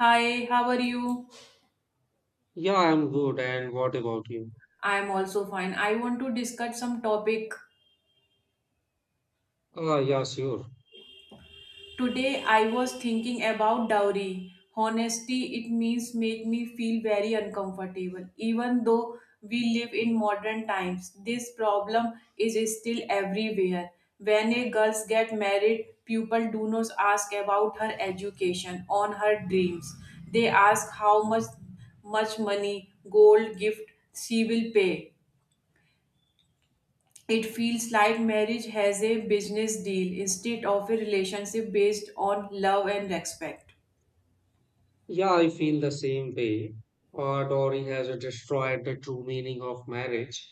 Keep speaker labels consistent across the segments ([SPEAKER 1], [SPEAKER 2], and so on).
[SPEAKER 1] Hi, how are you?
[SPEAKER 2] Yeah, I'm good. And what about you?
[SPEAKER 1] I'm also fine. I want to discuss some topic.
[SPEAKER 2] Ah, yeah, sure.
[SPEAKER 1] Today I was thinking about dowry. Honesty, it means make me feel very uncomfortable. Even though we live in modern times, this problem is still everywhere. When a girls get married, people do not ask about her education, on her dreams. They ask how much money, gold, gift she will pay. It feels like marriage has a business deal instead of a relationship based on love and respect.
[SPEAKER 2] Yeah, I feel the same way. Dowry has destroyed the true meaning of marriage.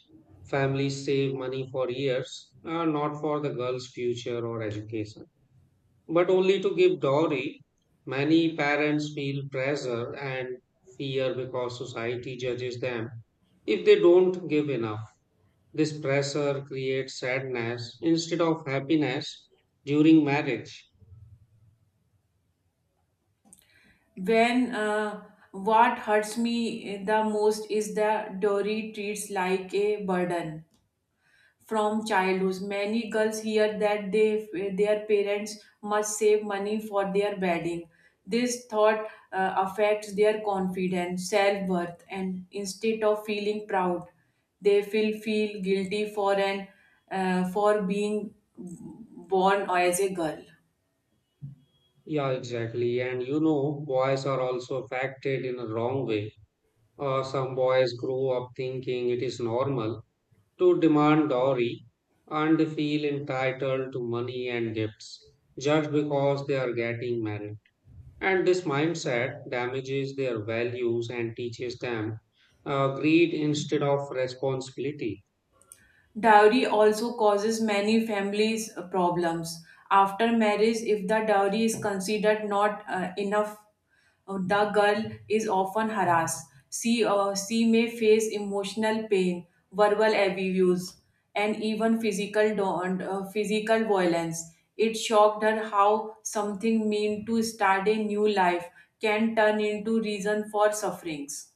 [SPEAKER 2] Families save money for years, not for the girl's future or education, but only to give dowry. Many parents feel pressure and fear because society judges them if they don't give enough. This pressure creates sadness instead of happiness during marriage.
[SPEAKER 1] When What hurts me the most is that Dory treats like a burden from childhood. Many girls hear that their parents must save money for their wedding. This thought affects their confidence, self worth, and instead of feeling proud, they feel guilty for an for being born as a girl.
[SPEAKER 2] Yeah, exactly. And you know, boys are also affected in a wrong way. Some boys grow up thinking it is normal to demand dowry and they feel entitled to money and gifts just because they are getting married. And this mindset damages their values and teaches them greed instead of responsibility.
[SPEAKER 1] Dowry also causes many families problems. After marriage, if the dowry is considered not enough, the girl is often harassed. She may face emotional pain, verbal abuse, and even physical violence. It shocked her how something meant to start a new life can turn into reason for sufferings.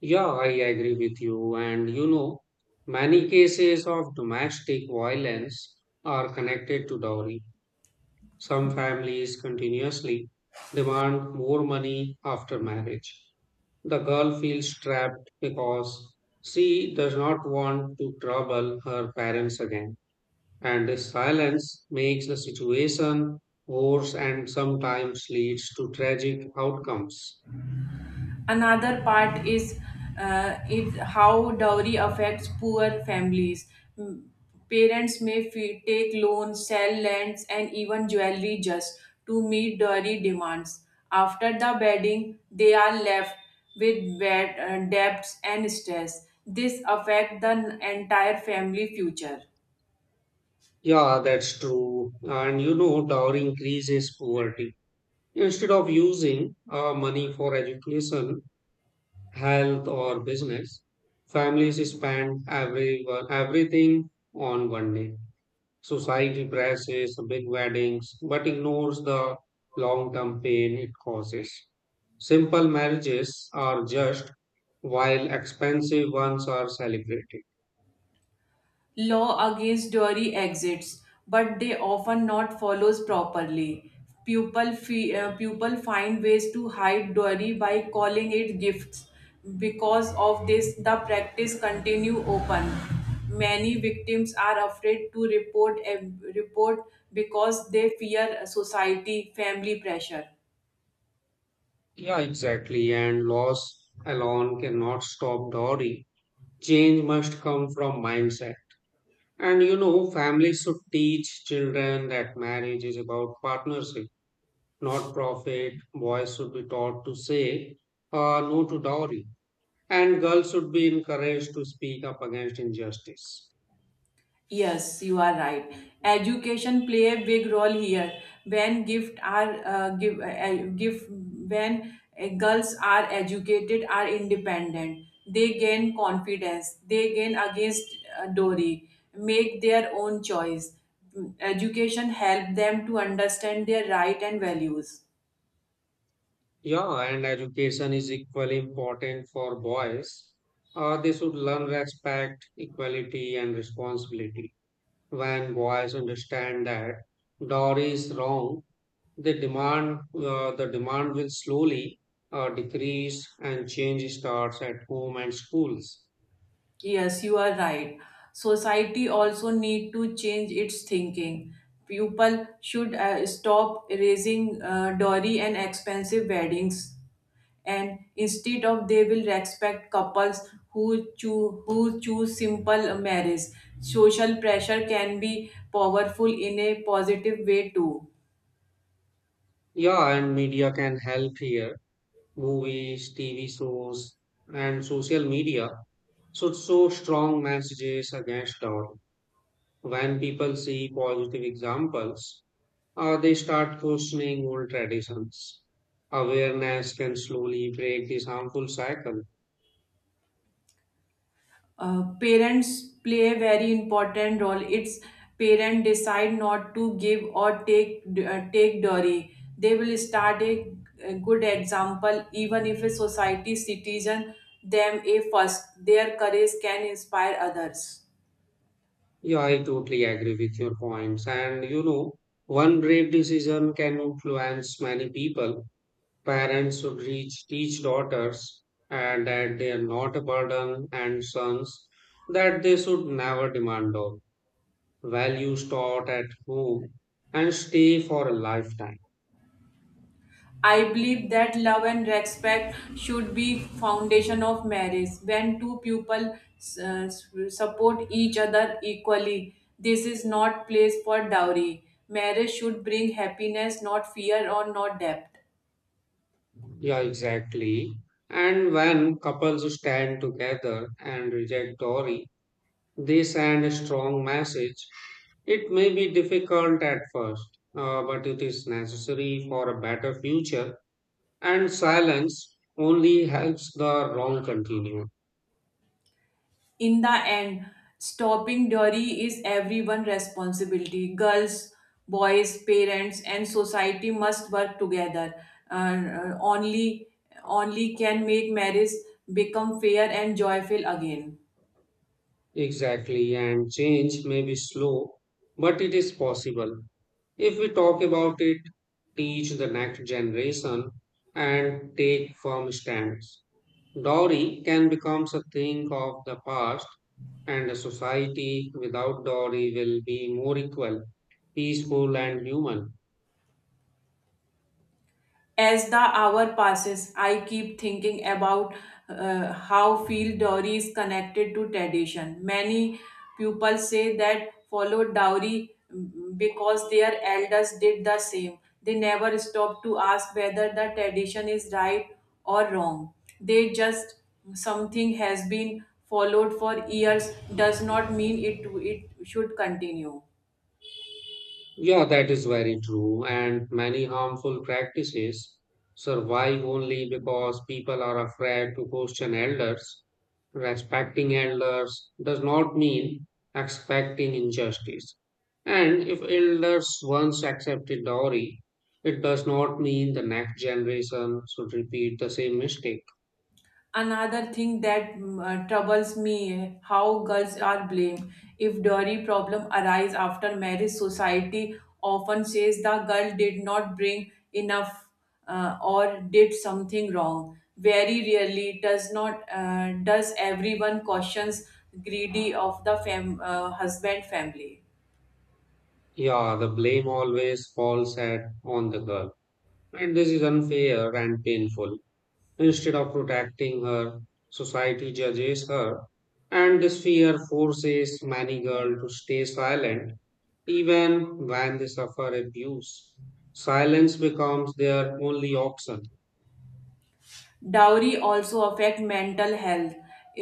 [SPEAKER 2] Yeah, I agree with you. And you know, many cases of domestic violence are connected to dowry. Some families continuously demand more money after marriage. The girl feels trapped because she does not want to trouble her parents again. And this silence makes the situation worse and sometimes leads to tragic outcomes.
[SPEAKER 1] Another part is how dowry affects poor families. Mm, Parents may take loans, sell lands, and even jewelry just to meet dowry demands. After the wedding, they are left with debts and stress. This affects the entire family future.
[SPEAKER 2] Yeah, that's true. And you know, dowry increases poverty. Instead of using money for education, health or business. Families spend everything on one day. Society presses big weddings but ignores the long-term pain it causes. Simple marriages are just while expensive ones are celebrated.
[SPEAKER 1] Law against dairy exits, but they often not follows properly. People find ways to hide dairy by calling it gifts. Because of this, the practice continue open. Many victims are afraid to report because they fear society family pressure.
[SPEAKER 2] Yeah, exactly. And laws alone cannot stop dowry. Change must come from mindset. And you know, families should teach children that marriage is about partnership not profit. Boys should be taught to say no to dowry, and girls should be encouraged to speak up against injustice.
[SPEAKER 1] Yes, you are right. Education play a big role here. When gift are give, give when girls are educated are independent. They gain confidence. They gain against Dory. Make their own choice. Education help them to understand their right and values.
[SPEAKER 2] Yeah, and education is equally important for boys. They should learn respect, equality, and responsibility. When boys understand that dowry is wrong, the demand will slowly decrease, and change starts at home and schools.
[SPEAKER 1] Yes, you are right. Society also need to change its thinking. People should stop raising dowry and expensive weddings, and instead of they will respect couples who choose simple marriage. Social pressure can be powerful in a positive way too.
[SPEAKER 2] Yeah, and media can help here. Movies, TV shows, and social media should show strong messages against our. When people see positive examples, they start questioning old traditions. Awareness can slowly break this harmful cycle.
[SPEAKER 1] Parents play a very important role. Its parent decide not to give or take dowry, they will start a good example. Even if a society citizen them a first, their courage can inspire others.
[SPEAKER 2] Yeah, I totally agree with your points. And you know, one brave decision can influence many people. Parents should reach, teach daughters and that they are not a burden and sons that they should never demand out. Values taught at home and stay for a lifetime.
[SPEAKER 1] I believe that love and respect should be foundation of marriage. When two people support each other equally, this is not place for dowry. Marriage should bring happiness, not fear or not debt.
[SPEAKER 2] Yeah, exactly. And when couples stand together and reject dowry, they send a strong message. It may be difficult at first, but it is necessary for a better future. And silence only helps the wrong continue.
[SPEAKER 1] In the end, stopping dowry is everyone's responsibility. Girls, boys, parents, and society must work together. Uh, only, Only can make marriage become fair and joyful again.
[SPEAKER 2] Exactly. And change may be slow, but it is possible. If we talk about it, teach the next generation, and take firm stands. Dowry can become a thing of the past, and a society without dowry will be more equal, peaceful, and human.
[SPEAKER 1] As the hour passes, I keep thinking about how field dowry is connected to tradition. Many people say that follow dowry because their elders did the same. They never stop to ask whether the tradition is right or wrong. They just something has been followed for years does not mean it should continue.
[SPEAKER 2] Yeah, that is very true. And many harmful practices survive only because people are afraid to question elders. Respecting elders does not mean expecting injustice. And if elders once accepted dowry, it does not mean the next generation should repeat the same mistake.
[SPEAKER 1] Another thing that troubles me how girls are blamed if dowry problem arise after marriage. Society often says the girl did not bring enough or did something wrong. Very rarely does not does everyone cautions greedy of the husband family.
[SPEAKER 2] Yeah, the blame always falls at on the girl. And this is unfair and painful. Instead of protecting her, society judges her, and this fear forces many girls to stay silent even when they suffer abuse. Silence becomes their only option.
[SPEAKER 1] Dowry also affect mental health.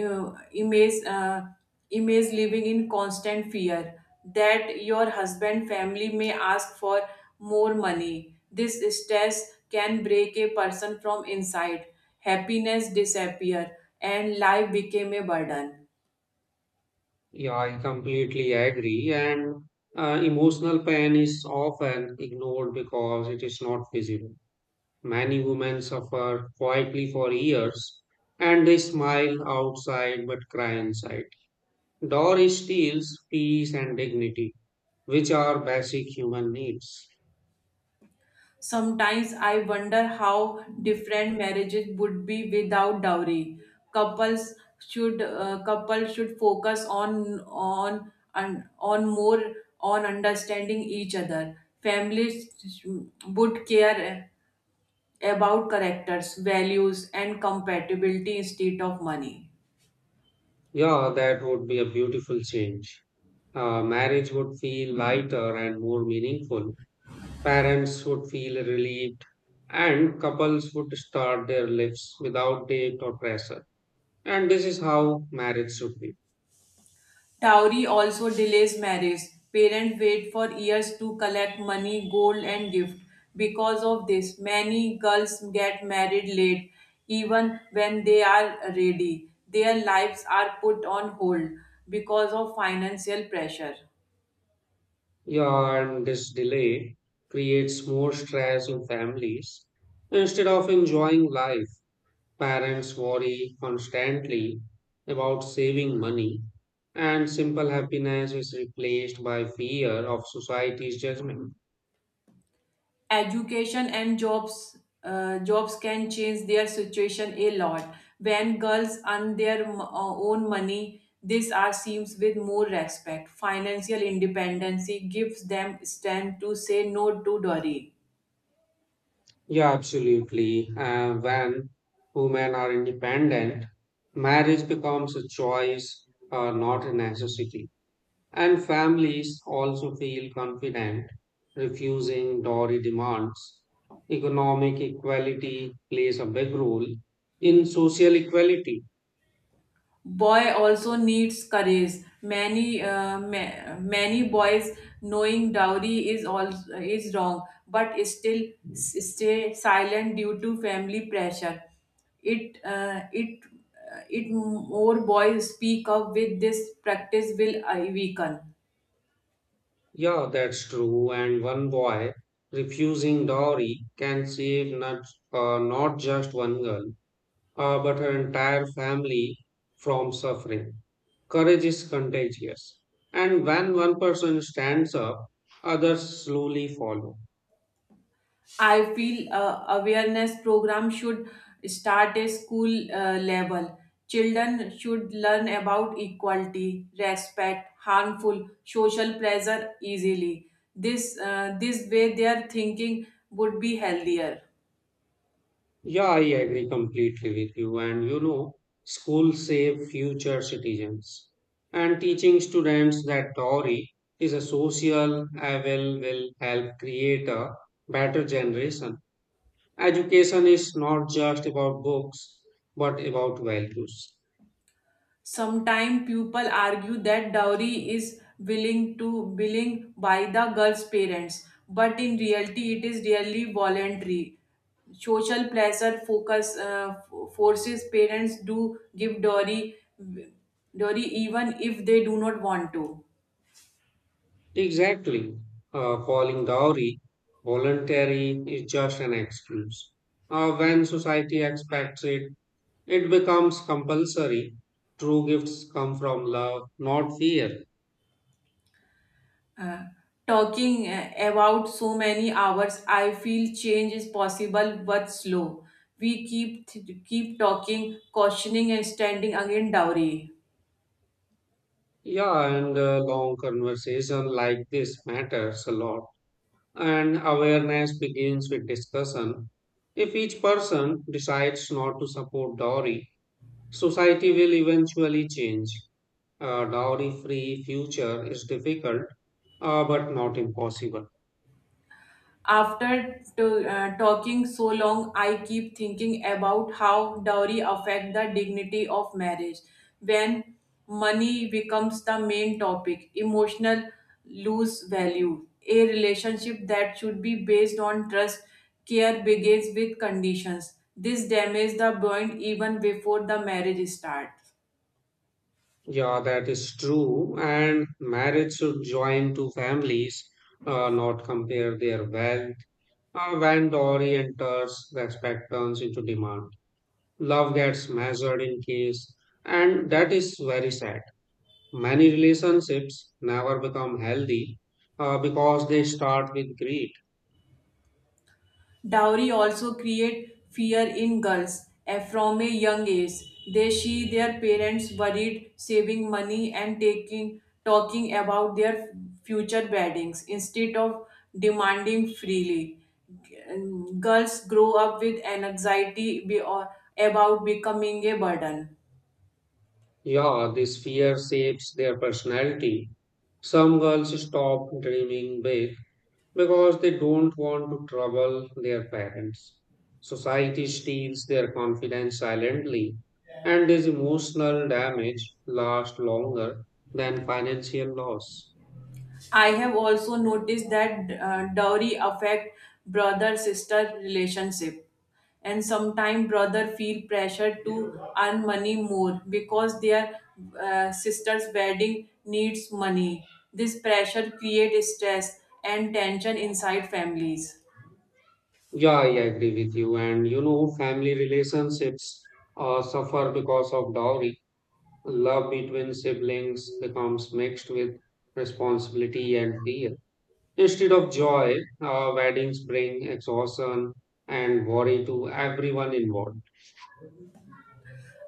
[SPEAKER 1] Uh, image, uh, Image living in constant fear that your husband family may ask for more money. This stress can break a person from inside. Happiness disappear and life became a burden.
[SPEAKER 2] Yeah, I completely agree. And emotional pain is often ignored because it is not visible. Many women suffer quietly for years and they smile outside but cry inside. Doris steals peace and dignity, which are basic human needs.
[SPEAKER 1] Sometimes I wonder how different marriages would be without dowry. Couples should focus on more on understanding each other. Families would care about characters, values, and compatibility instead of money.
[SPEAKER 2] Yeah, that would be a beautiful change. Marriage would feel lighter and more meaningful. Parents would feel relieved, and couples would start their lives without date or pressure. And this is how marriage should be.
[SPEAKER 1] Dowry also delays marriage. Parents wait for years to collect money, gold, and gift. Because of this, many girls get married late, even when they are ready. Their lives are put on hold because of financial pressure.
[SPEAKER 2] Yeah, and this delay creates more stress in families instead of enjoying life. Parents worry constantly about saving money, and simple happiness is replaced by fear of society's judgment.
[SPEAKER 1] Education and jobs can change their situation a lot. When girls earn their own money, this are seems with more respect. Financial independency gives them strength to say no to dowry.
[SPEAKER 2] Yeah, absolutely. When women are independent, marriage becomes a choice, not a necessity. And families also feel confident refusing dowry demands. Economic equality plays a big role in social equality.
[SPEAKER 1] Boy also needs courage. Many many boys knowing dowry is wrong but still stay silent due to family pressure. it uh, it it more boys speak up with, this practice will weaken.
[SPEAKER 2] Yeah, that's true. And one boy refusing dowry can save not just one girl, but her entire family from suffering. Courage is contagious. And when one person stands up, others slowly follow.
[SPEAKER 1] I feel awareness program should start at school level. Children should learn about equality, respect, harmful social pressure easily. This way their thinking would be healthier.
[SPEAKER 2] Yeah, I agree completely with you. And you know, schools save future citizens. And teaching students that Tory is a social evil will help create a better generation. Education is not just about books, but about values.
[SPEAKER 1] Sometimes people argue that dowry is willing by the girl's parents, but in reality, it is really voluntary. Social pressure forces parents to give dowry even if they do not want to.
[SPEAKER 2] Exactly. Calling dowry voluntary is just an excuse. When society expects it, it becomes compulsory. True gifts come from love, not fear.
[SPEAKER 1] Uh, talking about so many hours, I feel change is possible but slow. We keep talking, cautioning, and standing against dowry.
[SPEAKER 2] Yeah, and a long conversation like this matters a lot. And awareness begins with discussion. If each person decides not to support dowry, society will eventually change. A dowry free future is difficult, but not impossible.
[SPEAKER 1] After talking so long, I keep thinking about how dowry affect the dignity of marriage. When money becomes the main topic, emotional lose value. A relationship that should be based on trust, care begins with conditions. This damages the bond even before the marriage starts.
[SPEAKER 2] Yeah, that is true. And marriage should join two families, not compare their wealth. When Dory enters, respect turns into demand. Love gets measured in case, and that is very sad. Many relationships never become healthy because they start with greed.
[SPEAKER 1] Dowry also create fear in girls from a young age. They see their parents worried, saving money and taking talking about their future weddings instead of demanding freely. Girls grow up with anxiety about becoming a burden.
[SPEAKER 2] Yeah, this fear shapes their personality. Some girls stop dreaming big because they don't want to trouble their parents. Society steals their confidence silently, and this emotional damage lasts longer than financial loss.
[SPEAKER 1] I have also noticed that dowry affect brother sister relationship, and sometimes brother feel pressure to earn money more because their sister's wedding needs money. This pressure creates stress and tension inside families.
[SPEAKER 2] Yeah, I agree with you. And you know, family relationships suffer because of dowry. Love between siblings becomes mixed with responsibility and fear. Instead of joy, weddings bring exhaustion and worry to everyone involved.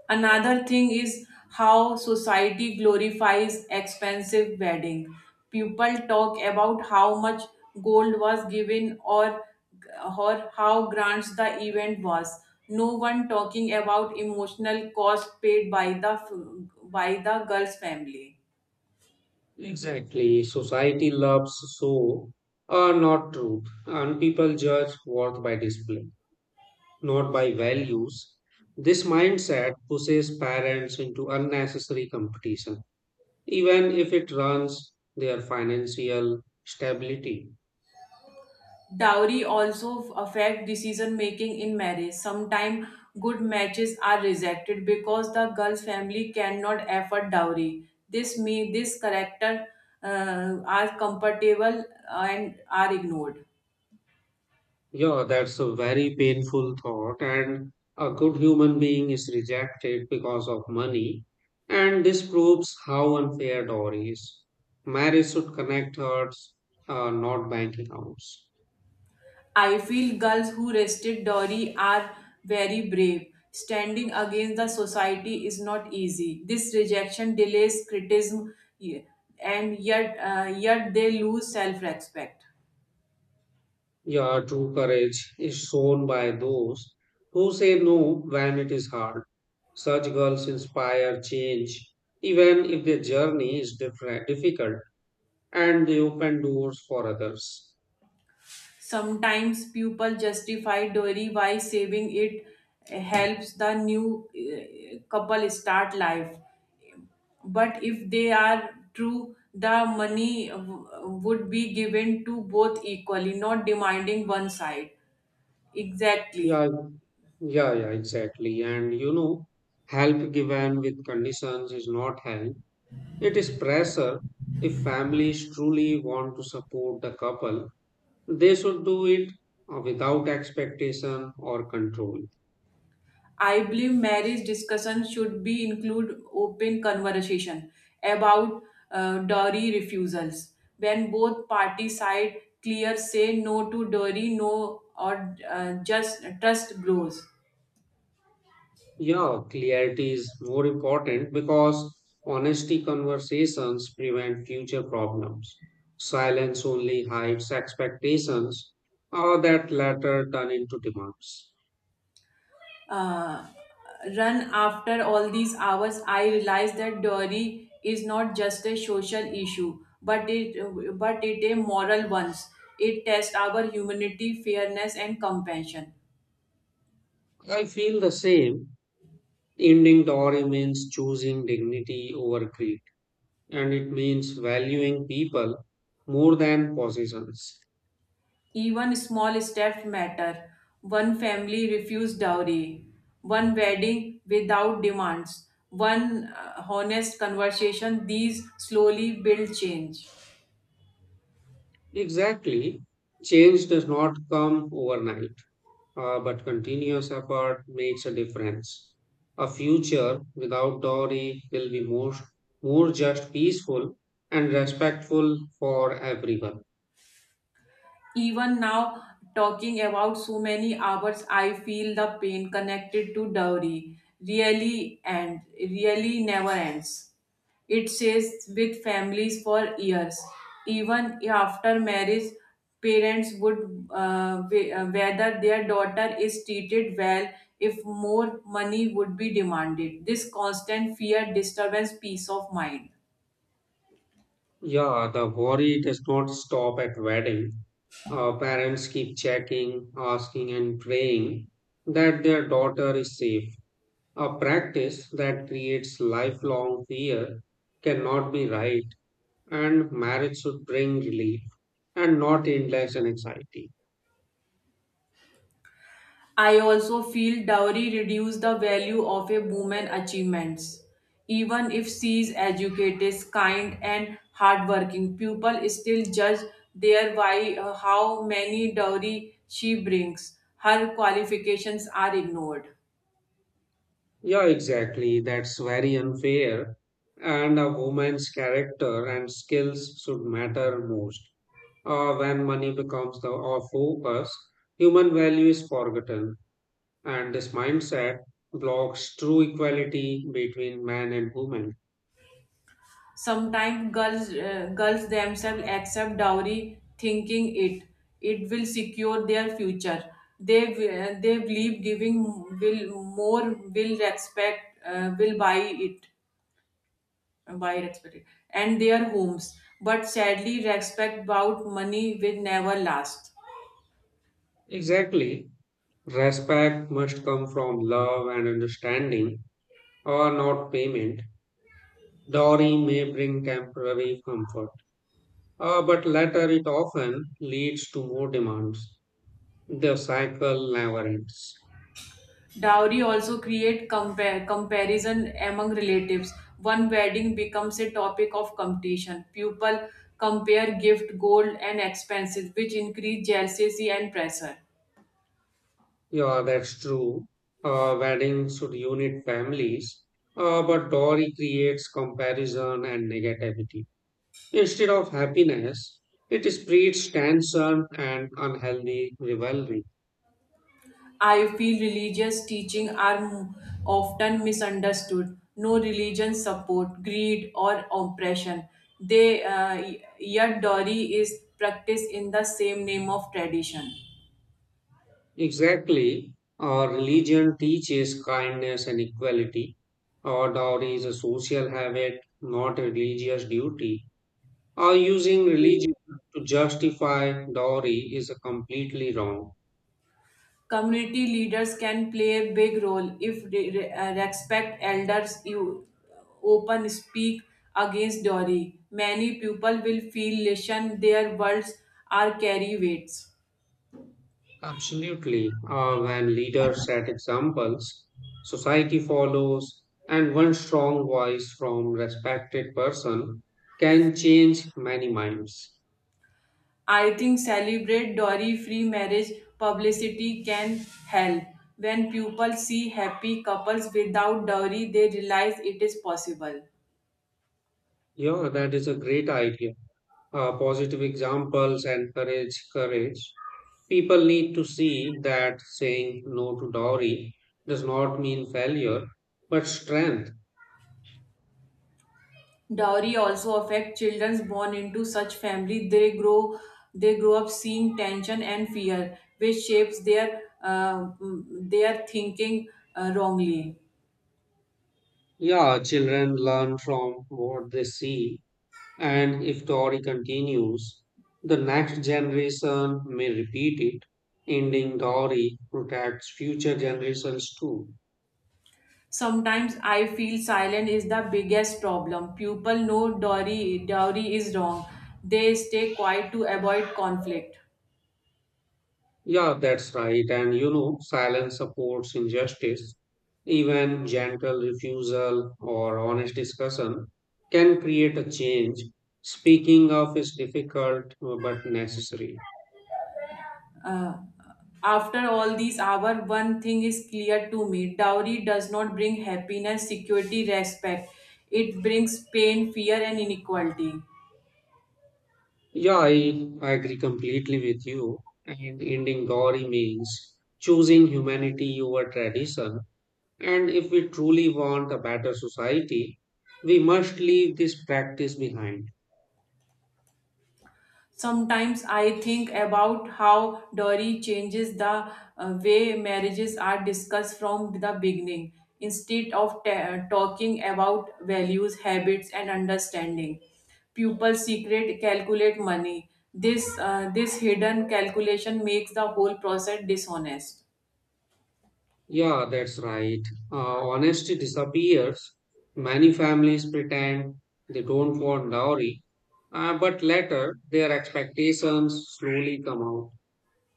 [SPEAKER 1] Another thing is how society glorifies expensive wedding. People talk about how much gold was given or how grand the event was. No one talking about emotional cost paid by the girl's family.
[SPEAKER 2] Exactly. Society loves so are not truth, and people judge worth by display, not by values. This mindset pushes parents into unnecessary competition, even if it runs their financial stability.
[SPEAKER 1] Dowry also affect decision making in marriage. Sometimes good matches are rejected because the girl's family cannot afford dowry. This character are compatible and are ignored.
[SPEAKER 2] Yeah, that's a very painful thought, and a good human being is rejected because of money, and this proves how unfair Dory is. Marriage should connect hearts, not bank accounts.
[SPEAKER 1] I feel girls who resisted dowry are very brave. Standing against the society is not easy. This rejection delays criticism, y- and yet they lose self respect.
[SPEAKER 2] Yeah, true courage is shown by those who say no when it is hard. Such girls inspire change, even if their journey is difficult, and they open doors for others.
[SPEAKER 1] Sometimes people justify dowry by saving it helps the new couple start life. But if they are true, the money would be given to both equally, not demanding one side.
[SPEAKER 2] Yeah,
[SPEAKER 1] Exactly.
[SPEAKER 2] yeah, yeah, exactly. And you know, help given with conditions is not help, it is pressure. If families truly want to support the couple, they should do it without expectation or control.
[SPEAKER 1] I believe marriage discussion should be include open conversation about dowry refusals. When both parties side clear say no to dowry, no or just trust grows.
[SPEAKER 2] Yeah, clarity is more important because honesty conversations prevent future problems. Silence only hides expectations, or that latter turn into demands.
[SPEAKER 1] Uh, run After all these hours, I realized that dowry is not just a social issue, but it a moral one. It tests our humanity, fairness, and compassion.
[SPEAKER 2] I feel the same. Ending Dori means choosing dignity over greed, and it means valuing people more than possessions.
[SPEAKER 1] Even small steps matter. One family refused dowry, one wedding without demands, one honest conversation. These slowly build change.
[SPEAKER 2] Exactly. Change does not come overnight, but continuous effort makes a difference. A future without Dori will be more just, peaceful, and respectful for everyone.
[SPEAKER 1] Even now, talking about so many hours, I feel the pain connected to dowry really and really never ends. It stays with families for years. Even after marriage, parents would whether their daughter is treated well if more money would be demanded. This constant fear disturbs peace of mind.
[SPEAKER 2] Yeah, the worry does not stop at wedding. Our parents keep checking, asking, and praying that their daughter is safe. A practice that creates lifelong fear cannot be right, and marriage should bring relief and not endless anxiety.
[SPEAKER 1] I also feel dowry reduce the value of a woman's achievements. Even if she is educated, kind, and hardworking, people still judge their by how many dowry she brings. Her qualifications are ignored.
[SPEAKER 2] Yeah, exactly. That's very unfair. And a woman's character and skills should matter most. When money becomes the our focus, human value is forgotten, and this mindset blocks true equality between man and woman.
[SPEAKER 1] Sometimes girls themselves accept dowry, thinking it will secure their future. They believe giving will more will respect will buy it wide expected and their homes, but sadly respect about money will never last.
[SPEAKER 2] Exactly, respect must come from love and understanding, or not payment. Dowry may bring temporary comfort, but later it often leads to more demands. The cycle never ends.
[SPEAKER 1] Dowry also create comparison among relatives. One wedding becomes a topic of competition. People compare gift, gold, and expenses, which increase jealousy and pressure.
[SPEAKER 2] Yeah, that's true. Weddings should unite families, but dowry creates comparison and negativity. Instead of happiness, it spreads tension and unhealthy rivalry.
[SPEAKER 1] I feel religious teaching are often misunderstood. No religion support greed or oppression. Yet Dori is practiced in the same name of tradition.
[SPEAKER 2] Exactly, our religion teaches kindness and equality. Our dowry is a social habit, not a religious duty. Or using religion to justify dowry is a completely wrong.
[SPEAKER 1] Community leaders can play a big role if they respect elders. You open speak against Dori. Many people will feel listened. Their words are carry weights.
[SPEAKER 2] Absolutely. When leaders set examples, society follows, and one strong voice from respected person can change many minds.
[SPEAKER 1] I think celebrate dowry free marriage publicity can help. When people see happy couples without dowry, they realize it is possible.
[SPEAKER 2] Yeah, that is a great idea. Positive examples encourage courage. People need to see that saying no to dowry does not mean failure, but strength.
[SPEAKER 1] Dowry also affect children born into such family. They grow up seeing tension and fear, which shapes their their thinking wrongly.
[SPEAKER 2] Yeah, children learn from what they see. And if Tory continues, the next generation may repeat it. Ending Tory protects future generations too.
[SPEAKER 1] Sometimes I feel silence is the biggest problem. People know dowry is wrong. They stay quiet to avoid conflict.
[SPEAKER 2] Yeah, that's right. And you know, silence supports injustice. Even gentle refusal or honest discussion can create a change. Speaking of is difficult but necessary.
[SPEAKER 1] Uh, After all these hours, one thing is clear to me. Dowry does not bring happiness, security, respect. It brings pain, fear, and inequality.
[SPEAKER 2] Yeah, I agree completely with you. And ending Tory means choosing humanity over tradition. And if we truly want a better society, we must leave this practice behind.
[SPEAKER 1] Sometimes I think about how dowry changes the way marriages are discussed from the beginning. Instead of talking about values, habits, and understanding, people secret calculate money. This hidden calculation makes the whole process dishonest.
[SPEAKER 2] Yeah, that's right. Honesty disappears. Many families pretend they don't want dowry, but later their expectations slowly come out.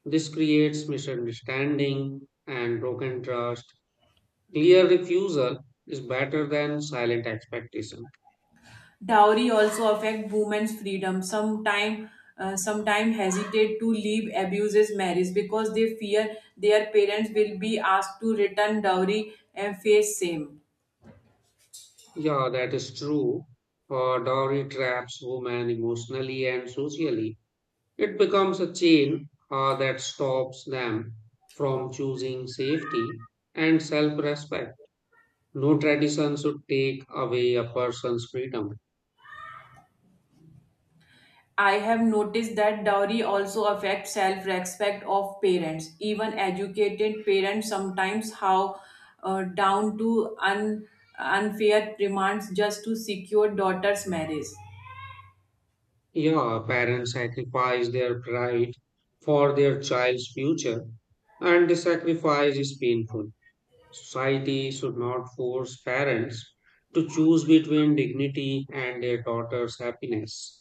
[SPEAKER 2] This creates misunderstanding and broken trust. Clear refusal is better than silent expectation.
[SPEAKER 1] Dowry also affect women's freedom. Sometime hesitate to leave abuses marriage because they fear their parents will be asked to return dowry and face shame.
[SPEAKER 2] Yeah, that is true. For dowry traps women emotionally and socially. It becomes a chain that stops them from choosing safety and self respect. No tradition should take away a person's freedom.
[SPEAKER 1] I have noticed that dowry also affects self-respect of parents. Even educated parents sometimes how down to unfair demands just to secure daughter's marriage.
[SPEAKER 2] Yeah, parents sacrifice their pride for their child's future, and the sacrifice is painful. Society should not force parents to choose between dignity and their daughter's happiness.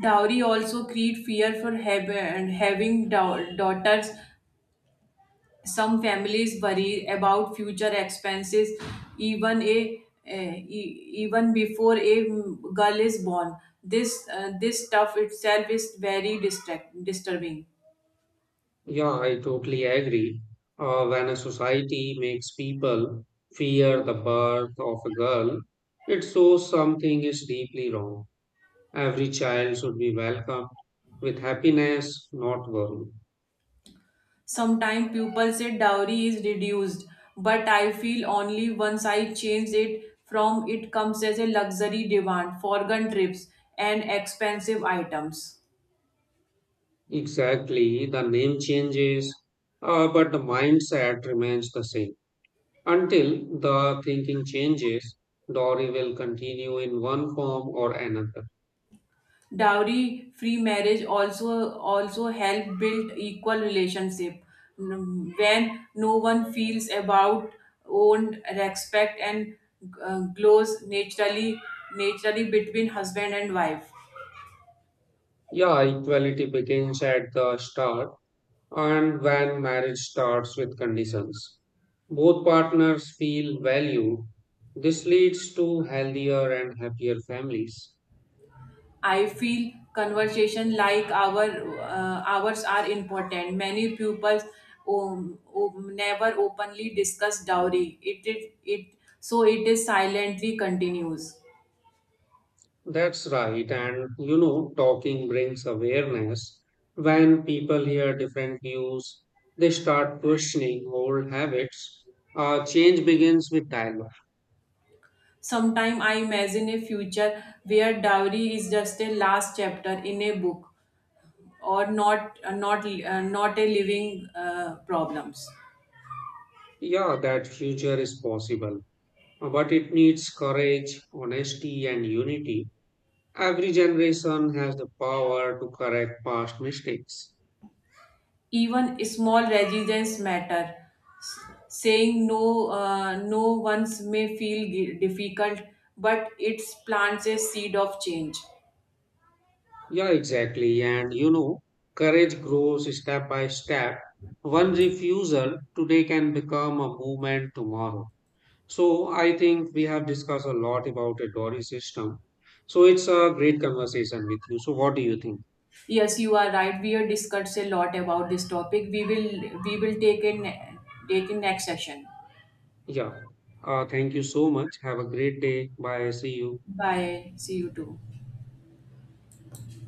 [SPEAKER 1] Dowry also create fear for having daughters. Some families worry about future expenses even even before a girl is born. This stuff itself is very disturbing.
[SPEAKER 2] Yeah, I totally agree. When a society makes people fear the birth of a girl, it shows something is deeply wrong. Every child should be welcomed with happiness, not worry.
[SPEAKER 1] Sometimes people say dowry is reduced, but I feel only once I changed it from it comes as a luxury demand for gun trips and expensive items.
[SPEAKER 2] Exactly, the name changes, but the mindset remains the same. Until the thinking changes, Dory will continue in one form or another.
[SPEAKER 1] Dowry free marriage also help build equal relationship. When no one feels about owned respect and glows naturally between husband and wife.
[SPEAKER 2] Yeah, equality begins at the start and when marriage starts with conditions, both partners feel valued. This leads to healthier and happier families.
[SPEAKER 1] I feel conversation like ours are important. Many pupils never openly discuss dowry. It is silently continues.
[SPEAKER 2] That's right. And you know, talking brings awareness. When people hear different views, they start questioning old habits. Change begins with dialogue.
[SPEAKER 1] Sometime I imagine a future where dowry is just a last chapter in a book, or not a living problems.
[SPEAKER 2] Yeah, that future is possible, but it needs courage, honesty, and unity. Every generation has the power to correct past mistakes.
[SPEAKER 1] Even small resistance matter. S- Saying no once may feel difficult, but it plants a seed of change.
[SPEAKER 2] Yeah, exactly. And you know, courage grows step by step. One refusal today can become a movement tomorrow. So I think we have discussed a lot about a Dory system. So it's a great conversation with you. So what do you think?
[SPEAKER 1] Yes, you are right. We have discussed a lot about this topic. We will take in next session.
[SPEAKER 2] Yeah. Thank you so much. Have a great day. Bye. See you.
[SPEAKER 1] Bye. See you too.